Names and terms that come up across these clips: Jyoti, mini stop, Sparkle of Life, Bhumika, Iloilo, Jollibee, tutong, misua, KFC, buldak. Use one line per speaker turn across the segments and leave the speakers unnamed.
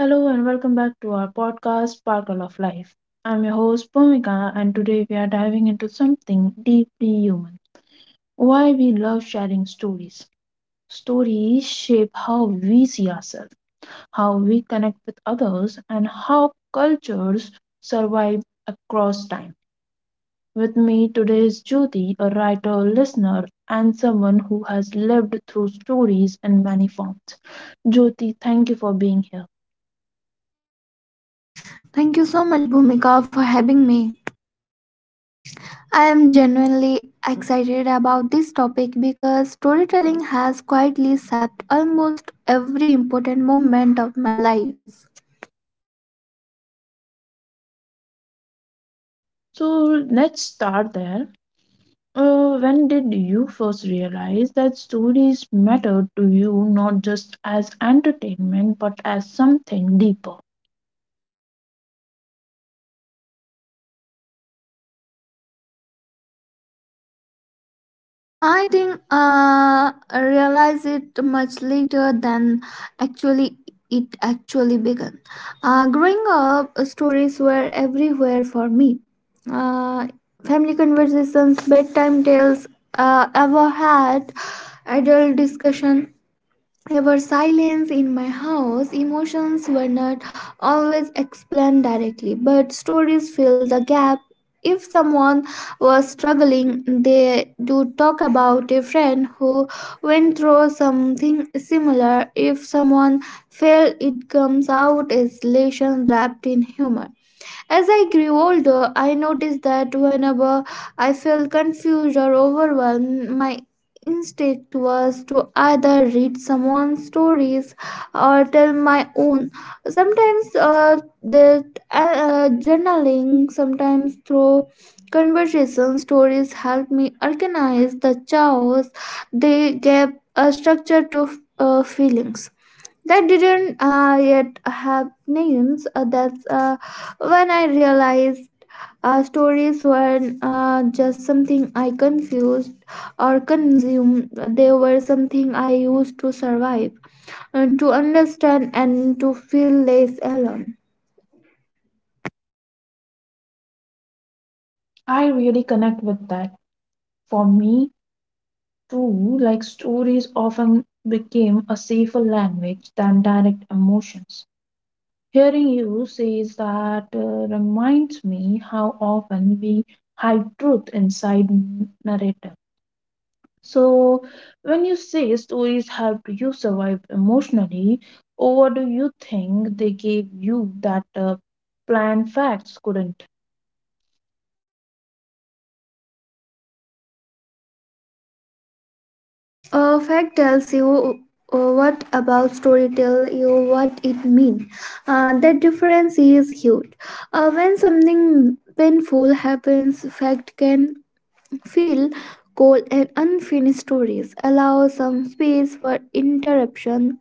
Hello and welcome back to our podcast, Sparkle of Life. I'm your host, Bhumika, and today we are diving into something deeply human, why we love sharing stories. Stories shape how we see ourselves, how we connect with others, and how cultures survive across time. With me today is Jyoti, a writer, listener, and someone who has lived through stories in many forms. Jyoti, thank you for being here.
Thank you so much, Bhumika, for having me. I am genuinely excited about this topic because storytelling has quietly shaped almost every important moment of my life.
So let's start there. When did you first realize that stories mattered to you, not just as entertainment but as something deeper?
I think I realized it much later than actually it actually began. Growing up, stories were everywhere for me. Uh, family conversations, bedtime tales, ever had adult discussion ever silence in my house, emotions were not always explained directly, but stories fill the gap. If someone was struggling, they do talk about a friend who went through something similar. If someone fell, it comes out as lessons wrapped in humor. As I grew older, I noticed that whenever I felt confused or overwhelmed, my instinct was to either read someone's stories or tell my own. Sometimes that journaling, sometimes through conversation stories help me organize the chaos. They gave a structure to feelings that didn't yet have names. That's when I realized stories weren't just something I confused or consumed, they were something I used to survive, to understand, and to feel less alone.
I really connect with that. For me, too, like stories often became a safer language than direct emotions. Hearing you says that reminds me how often we hide truth inside narrative. So, when you say stories helped you survive emotionally, or do you think they gave you that plain facts couldn't?
A fact tells you. What about story tell you what it means. The difference is huge. When something painful happens, fact can feel cold and unfinished stories allow some space for interruption,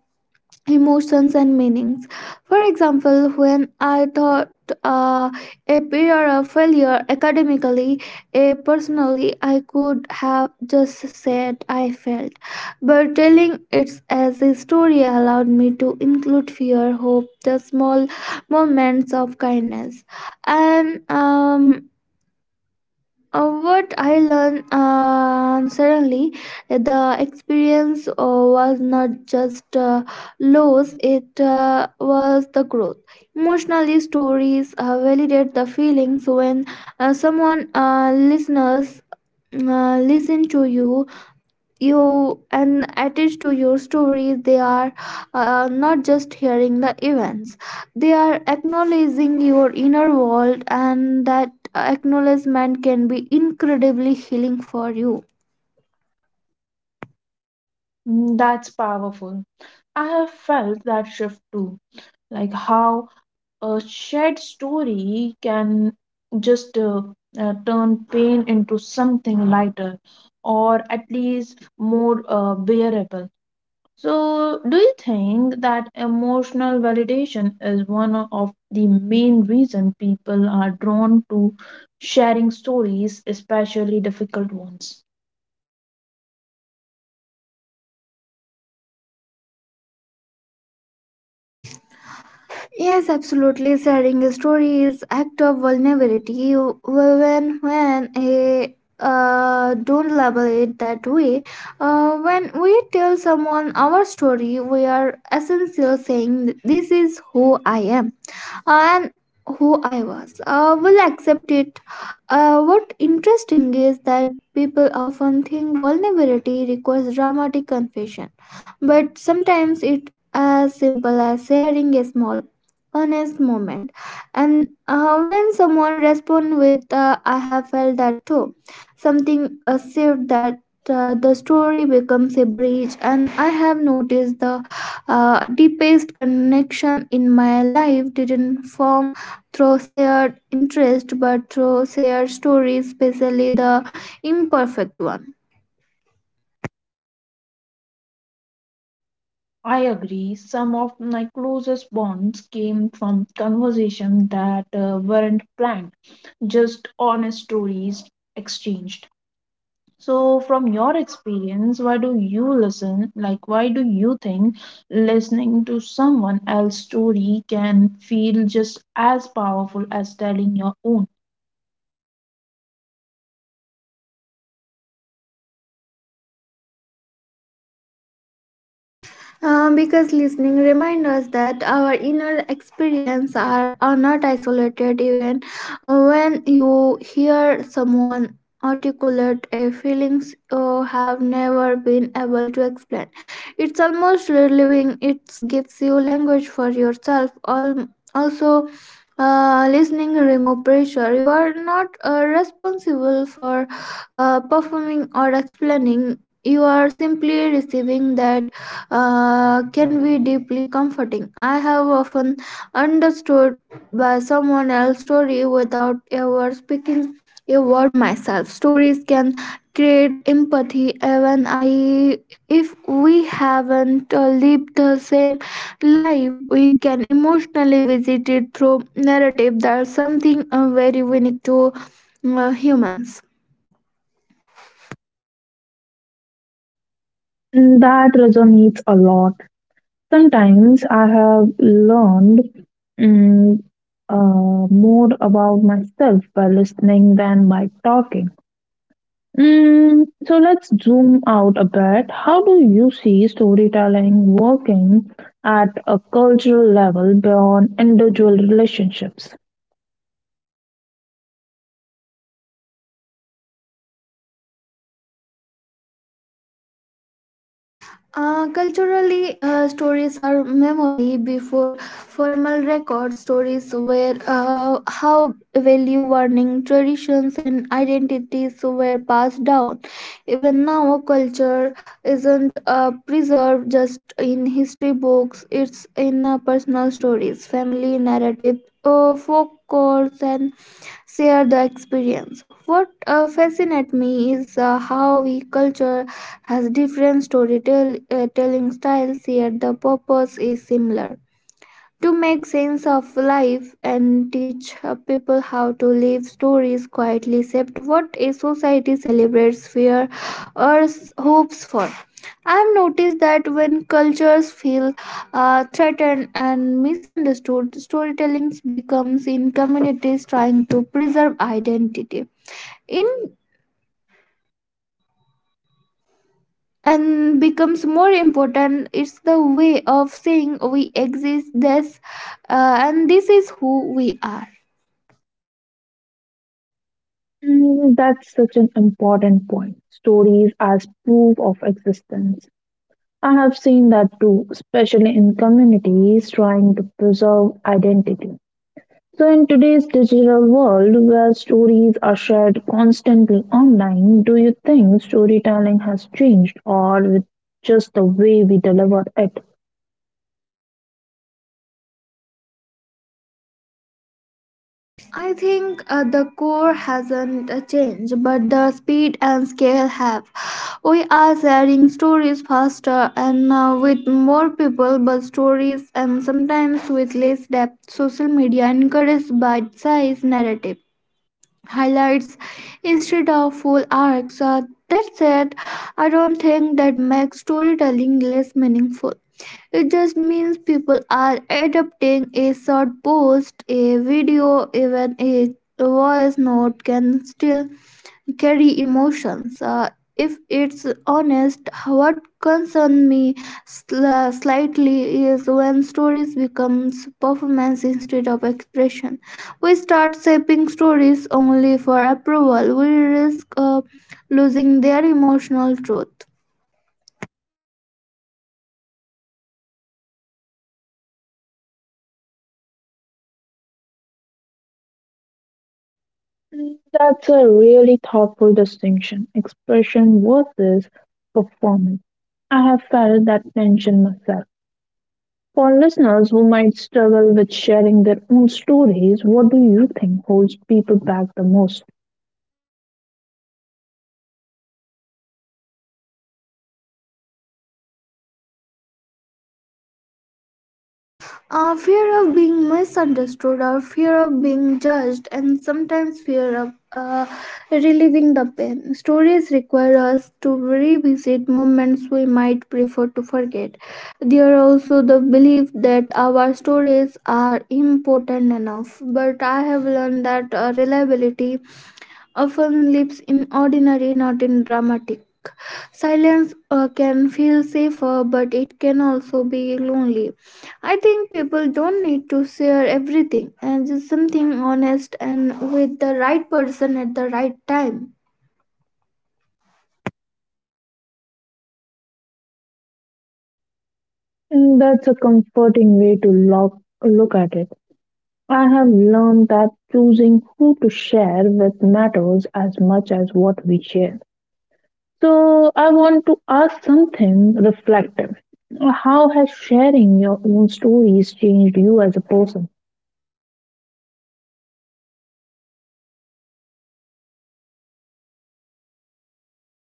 emotions, and meanings. For example, when I thought uh, a period of failure academically, personally, I could have just said I failed. But telling it as a story allowed me to include fear, hope, the small moments of kindness, and what I learned suddenly, the experience was not just loss, it was the growth. Emotionally, stories validate the feelings when someone listen to you and attached to your story. They are not just hearing the events, they are acknowledging your inner world, and that acknowledgement can be incredibly healing for you.
Mm, that's powerful. I have felt that shift too, like how a shared story can just turn pain into something lighter, or at least more bearable. So, do you think that emotional validation is one of the main reason people are drawn to sharing stories, especially difficult ones?
Yes, absolutely, sharing a story is act of vulnerability. You well, when a don't label it that way. When we tell someone our story, we are essentially saying this is who I am and who I was. Will accept it. What interesting is that people often think vulnerability requires dramatic confession, but sometimes it as simple as sharing a small, honest moment. And when someone responds with "I have felt that too," something said that. The story becomes a bridge, and I have noticed the deepest connection in my life didn't form through shared interest but through shared stories, especially the imperfect one.
I agree. Some of my closest bonds came from conversations that weren't planned, just honest stories exchanged. So, from your experience, why do you listen? Like, why do you think listening to someone else's story can feel just as powerful as telling your own?
Because listening reminds us that our inner experience are not isolated. Even when you hear someone articulate a feelings you have never been able to explain, it's almost relieving. It gives you language for yourself. Also, listening remove pressure. You are not responsible for performing or explaining, you are simply receiving that can be deeply comforting. I have often understood by someone else's story without ever speaking a word myself. Stories can create empathy. Even I if we haven't lived the same life, we can emotionally visit it through narrative. There's something very unique to humans.
Mm, that resonates a lot. Sometimes I have learned mm, more about myself by listening than by talking. Mm, so let's zoom out a bit. How do you see storytelling working at a cultural level beyond individual relationships?
Culturally, stories are memory before formal records. Stories were how value warning traditions and identities were passed down. Even now, culture isn't preserved just in history books, it's in personal stories, family narrative, folklore, and share the experience. What fascinates me is how we culture has different storytelling telling styles, yet the purpose is similar to make sense of life and teach people how to live. Stories quietly shaped what a society celebrates, fear or hopes for. I've noticed that when cultures feel threatened and misunderstood, storytelling becomes in communities trying to preserve identity in and becomes more important. It's the way of saying we exist, this and this is who we are.
Mm, that's such an important point. Stories as proof of existence. I have seen that too, especially in communities trying to preserve identity. So, in today's digital world where stories are shared constantly online, do you think storytelling has changed, or with just the way we deliver it?
I think the core hasn't changed, but the speed and scale have. We are sharing stories faster and with more people, but stories and sometimes with less depth. Social media encourages bite size narrative, highlights instead of full arcs. That said, I don't think that makes storytelling less meaningful. It just means people are adopting a short post, a video, even a voice note can still carry emotions. If it's honest, what concerns me slightly is when stories becomes performance instead of expression. We start shaping stories only for approval. We risk losing their emotional truth.
Mm, that's a really thoughtful distinction, expression versus performance. I have felt that tension myself. For listeners who might struggle with sharing their own stories, what do you think holds people back the most?
Fear of being misunderstood or fear of being judged, and sometimes fear of relieving the pain. Stories require us to revisit moments we might prefer to forget. There are also the belief that our stories are important enough, but I have learned that reliability often lives in ordinary, not in dramatic. Silence can feel safer, but it can also be lonely. I think people don't need to share everything and just something honest and with the right person at the right time.
Mm, that's a comforting way to look at it. I have learned that choosing who to share with matters as much as what we share. So, I want to ask something reflective. How has sharing your own stories changed you as a person?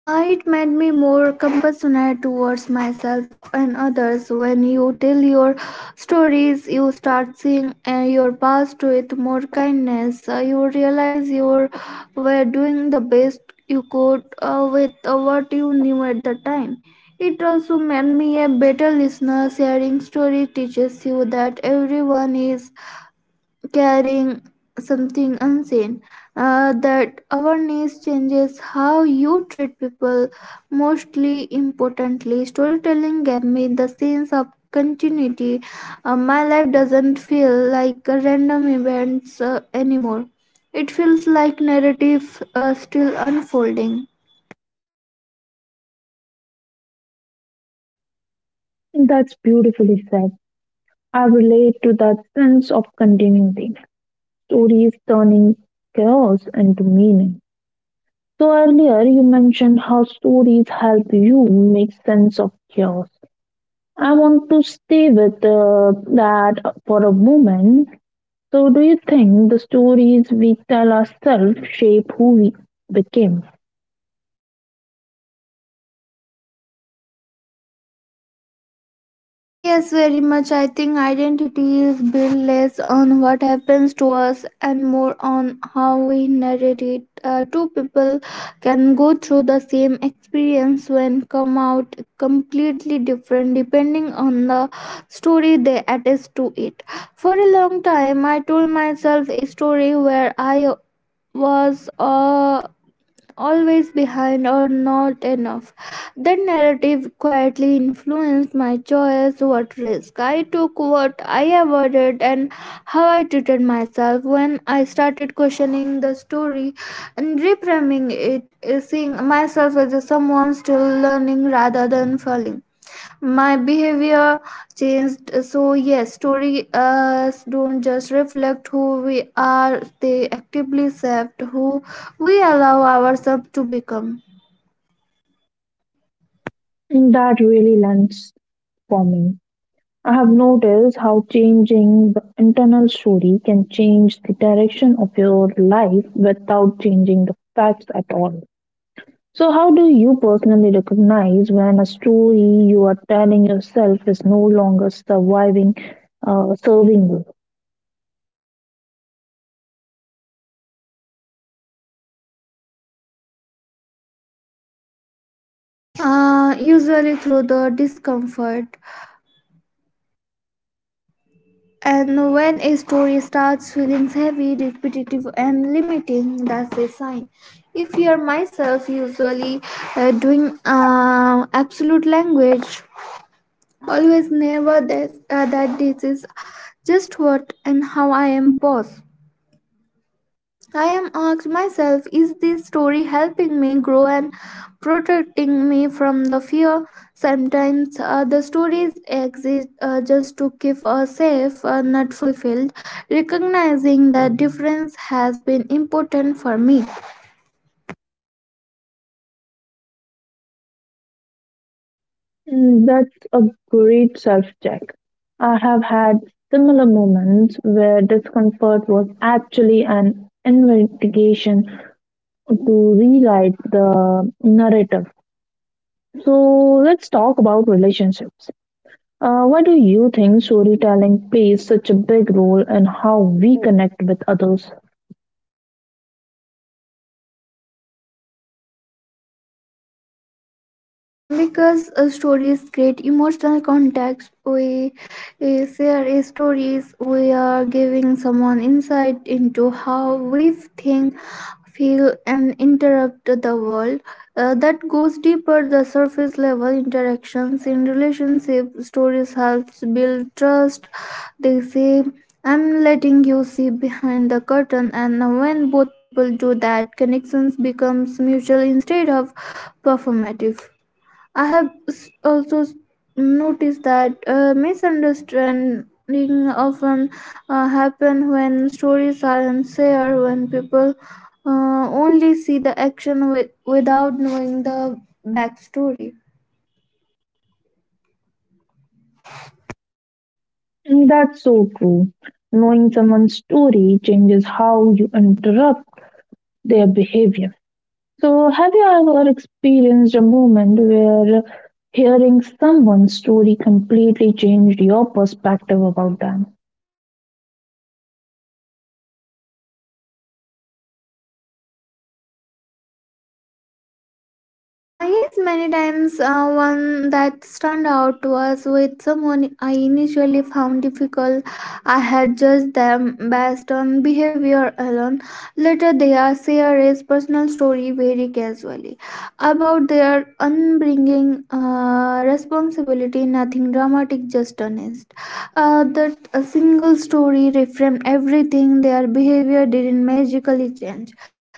It made me more compassionate towards myself and others. When you tell your stories, you start seeing your past with more kindness. You realize you were doing the best you could with what you knew at the time. It also made me a better listener. Sharing story teaches you that everyone is carrying something unseen. That awareness changes how you treat people. Mostly importantly, storytelling gave me the sense of continuity. My life doesn't feel like a random events anymore, it feels like narrative still unfolding.
That's beautifully said. I relate to that sense of continuity, stories turning chaos into meaning. So, earlier you mentioned how stories help you make sense of chaos. I want to stay with that for a moment. So, do you think the stories we tell ourselves shape who we became?
Ah, yes, very much. I think identity is built less on what happens to us and more on how we narrate it. Two people can go through the same experience when come out completely different depending on the story they attach to it. For a long time, I told myself a story where I was always behind or not enough. That narrative quietly influenced my choice, what risk I took, what I avoided, and how I treated myself. When I started questioning the story and reframing it, seeing myself as someone still learning rather than failing, my behavior changed. So yes, stories don't just reflect who we are, they actively shape who we allow ourselves to become.
That really lands for me. I have noticed how changing the internal story can change the direction of your life without changing the facts at all. So, how do you personally recognize when a story you are telling yourself is no longer surviving, serving you?
Usually through the discomfort, and when a story starts feeling heavy, repetitive and limiting, that's a sign. If you're myself, usually doing absolute language, always, never, this that, this is just what and how I am. Pause. I am asked myself, is this story helping me grow and protecting me from the fear? Sometimes the stories exist just to keep us safe, not fulfilled. Recognizing that difference has been important for me.
Mm, that's a great self check. I have had similar moments where discomfort was actually an investigation to rewrite the narrative. So let's talk about relationships. Why do you think storytelling plays such a big role in how we connect with others?
Because stories create emotional context, we share stories, we are giving someone insight into how we think, feel, and interrupt the world. That goes deeper the surface level interactions. In relationship, stories helps build trust. They say, I'm letting you see behind the curtain, and when both people do that, connections becomes mutual instead of performative. I have also noticed that misunderstanding often happen when stories are unfair, when people only see the action without knowing the backstory.
Mm, that's so true. Knowing someone's story changes how you interrupt their behavior. So, have you ever experienced a moment where hearing someone's story completely changed your perspective about them?
Yes, many times. Uh, one that stand out was with someone I initially found difficult. I had judged them based on behavior alone. Later, they are share his personal story very casually about their upbringing, responsibility, nothing dramatic, just honest. That a single story reframed everything. Their behavior didn't magically change,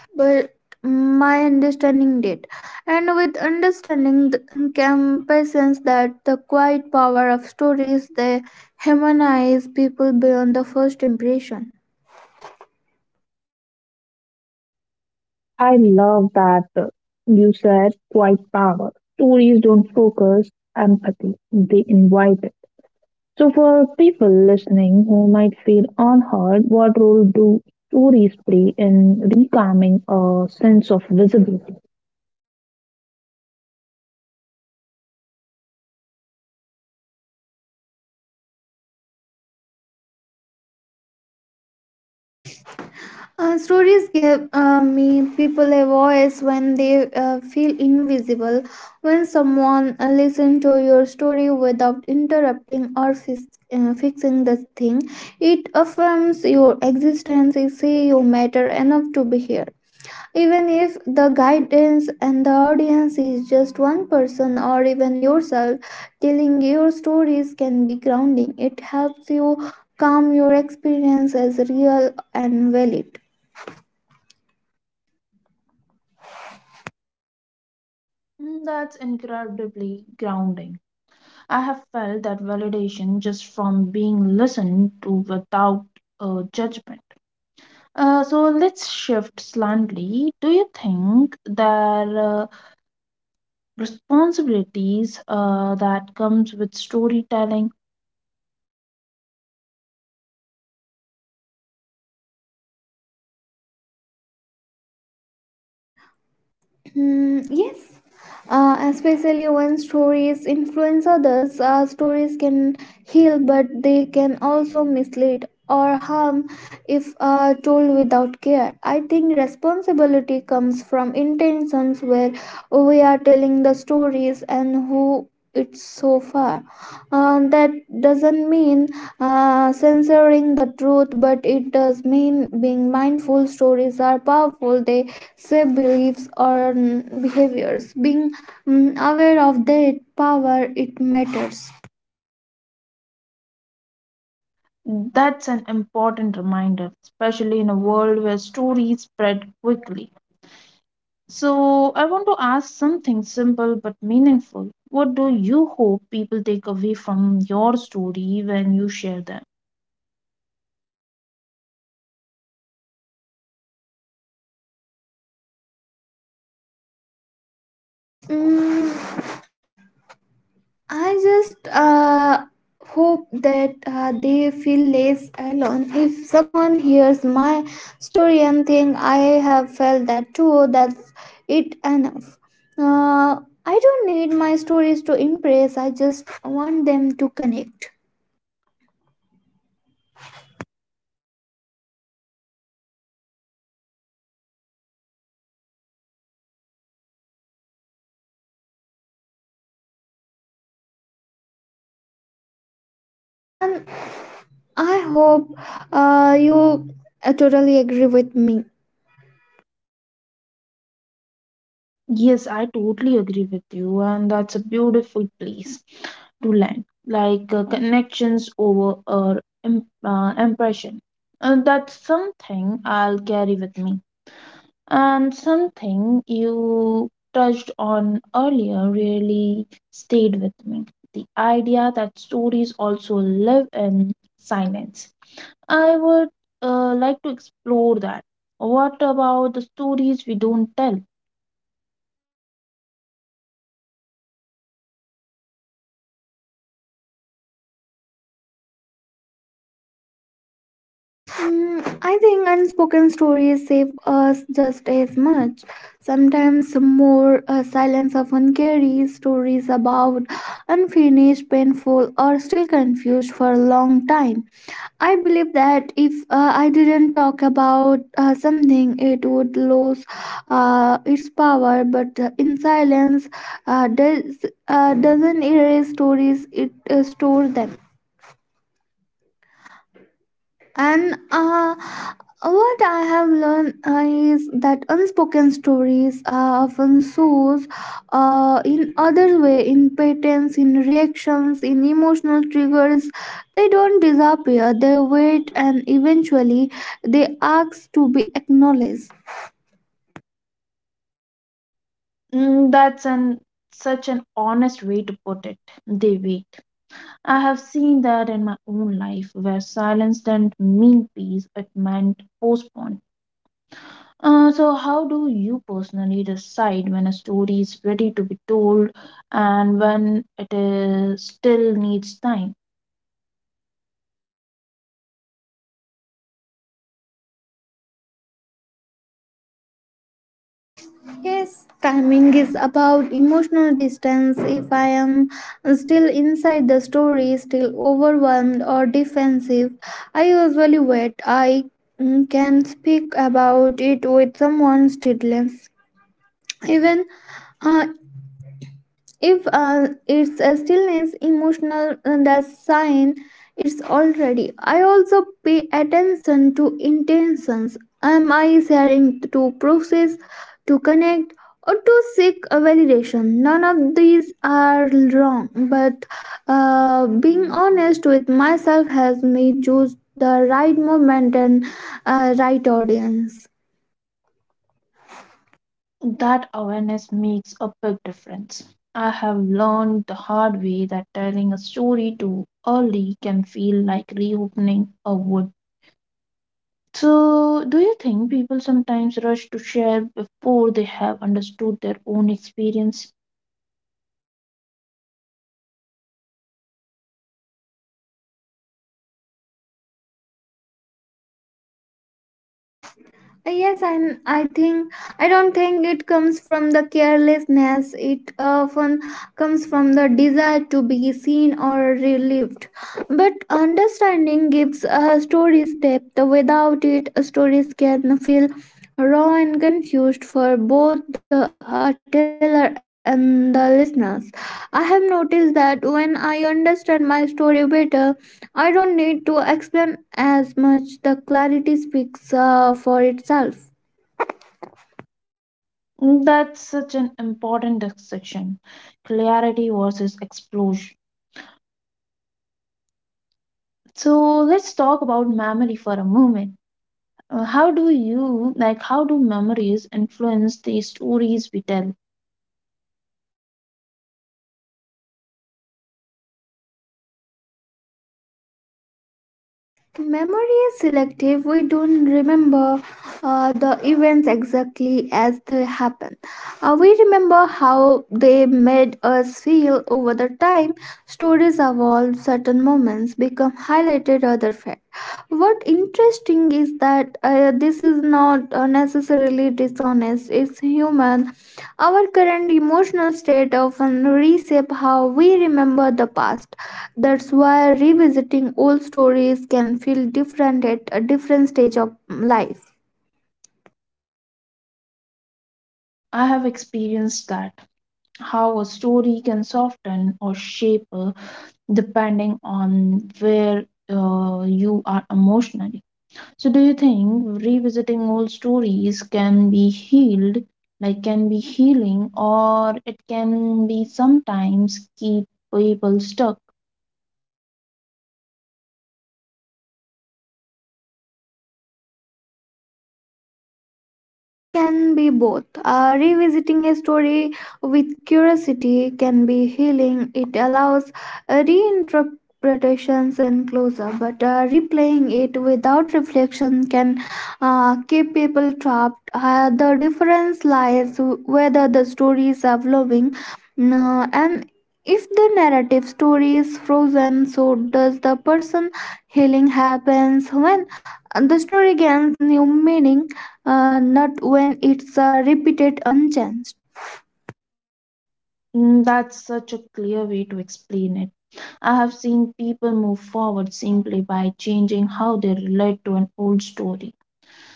but my understanding did. And with understanding, the campaigns that the quiet power of stories, they humanize people beyond the first impression.
I love that you said quite power. Stories don't focus empathy, they invite it. So, for people listening who might feel unheard, what role do stories play in reclaiming a sense of visibility?
Stories give me people a voice when they feel invisible. When someone listens to your story without interrupting or fixing the thing, it affirms your existence. It say you matter enough to be here. Even if the guidance and the audience is just one person or even yourself, telling your stories can be grounding. It helps you calm your experience as real and valid.
Mm, that's incredibly grounding. I have felt that validation just from being listened to without judgment. So let's shift slightly. Do you think there are responsibilities that comes with storytelling?
Hmm, yes, especially when stories influence others. Stories can heal, but they can also mislead or harm if told without care. I think responsibility comes from intentions, where we are telling the stories and who it's so far. That doesn't mean censoring the truth, but it does mean being mindful. Stories are powerful. They say beliefs or behaviors being aware of their power, it matters.
That's an important reminder, especially in a world where stories spread quickly. So I want to ask something simple but meaningful. What do you hope people take away from your story when you share them?
Mm, I just hope that they feel less alone. If someone hears my story and think I have felt that too, that's it enough. uh, I don't need my stories to impress, I just want them to connect, and I hope you totally agree with me.
Yes, I totally agree with you, and that's a beautiful place to land, like connections over or impression. And that's something I'll carry with me. And something you touched on earlier really stayed with me, the idea that stories also live in silence. I would like to explore that. What about the stories we don't tell?
Mm, I think unspoken stories save us just as much. Sometimes more, silence often carries stories about unfinished, painful, or still confused for a long time. I believe that if I didn't talk about something, it would lose its power. But in silence, doesn't erase stories; it store them. And What I have learned is that unspoken stories are often sourced in other way, in patterns, in reactions, in emotional triggers. They don't disappear. They wait, and eventually they ask to be acknowledged.
Mm, that's an such an honest way to put it. They wait. I have seen that in my own life, where silence didn't mean peace; it meant postpone. So, how do you personally decide when a story is ready to be told and when it is still needs time?
Yes, timing is about emotional distance. If I am still inside the story, still overwhelmed or defensive, I usually wait. I can speak about it with someone still less. Even uh, if it's a stillness emotional, that sign it's already. I also pay attention to intentions. Am I sharing to process, to connect, or to seek a validation? None of these are wrong, but being honest with myself has me choose the right moment and right audience.
That awareness makes a big difference. I have learned the hard way that telling a story too early can feel like reopening a wound. So, do you think people sometimes rush to share before they have understood their own experience?
Yes, and I think I don't think it comes from the carelessness. It often comes from the desire to be seen or relieved. But understanding gives a story's depth. Without it, stories can feel raw and confused for both the teller and the listeners. I have noticed that when I understand my story better, I don't need to explain as much. The clarity speaks for itself.
Mm, that's such an important distinction, clarity versus explosion. So, let's talk about memory for a moment. How do you, like, how do memories influence the stories we tell?
Memory is selective. We don't remember the events exactly as they happen. We remember how they made us feel over the time. Stories evolve, certain moments become highlighted, other fact. What interesting is that this is not necessarily dishonest, it's human. Our current emotional state often reshape how we remember the past. That's why revisiting old stories can feel different at a different stage of life.
I have experienced that. How a story can soften or shape depending on where you are emotionally. So do you think revisiting old stories can be healed, like can be healing, or it can be sometimes keep people stuck?
It can be both. Revisiting a story with curiosity can be healing. It allows reinterpretations and closure, but replaying it without reflection can keep people trapped. The difference lies whether the stories are flowing and if the narrative story is frozen, so does the person. Healing happens when the story gains new meaning, not when it's repeated unchanged.
Mm, that's such a clear way to explain it. I have seen people move forward simply by changing how they relate to an old story.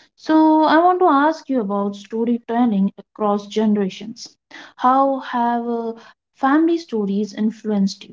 So I want to ask you about storytelling across generations. How have family stories influenced you?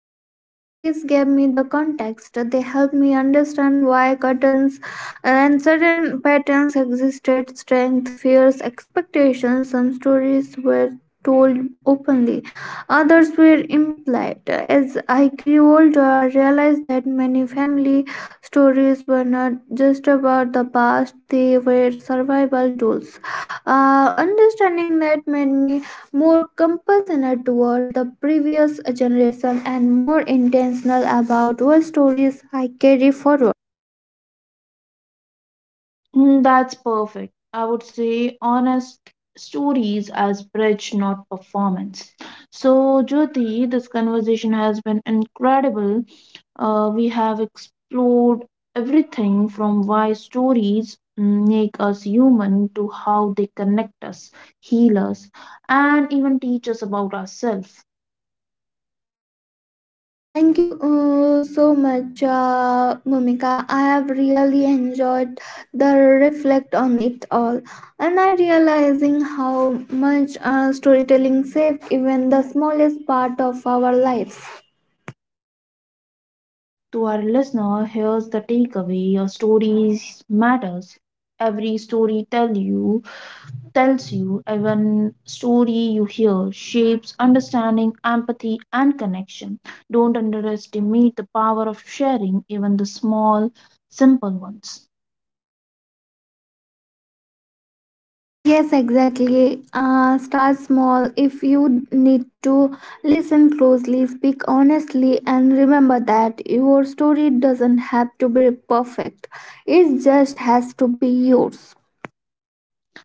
Family stories gave me the context. They helped me understand why curtains and certain patterns existed, strength, fears, expectations. Some stories were told openly, others were implied. As I grew older, I realized that many family stories were not just about the past, they were survival tools. Understanding that made me more compassionate towards the previous generation and more intentional about what stories I carry forward.
Mm, that's perfect. I would say honest stories as bridge, not performance. So, Jyoti, this conversation has been incredible. We have explored everything from why stories make us human to how they connect us, heal us, and even teach us about ourselves.
Thank you so much, Mumika. I have really enjoyed the reflect on it all, and I realizing how much storytelling shapes even the smallest part of our lives.
To our listener, here's the takeaway, your stories matters. Every story tells you, even story you hear shapes understanding, empathy, and connection. Don't underestimate the power of sharing, even the small, simple ones.
Yes, exactly. Start small. If you need to listen closely, speak honestly, and remember that your story doesn't have to be perfect. It just has to be yours.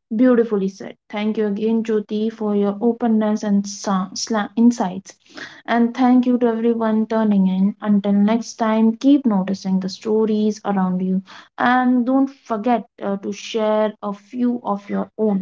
Beautifully said. Thank you again, Jyoti, for your openness and insights. And thank you to everyone turning in. Until next time, keep noticing the stories around you, and don't forget to share a few of your own.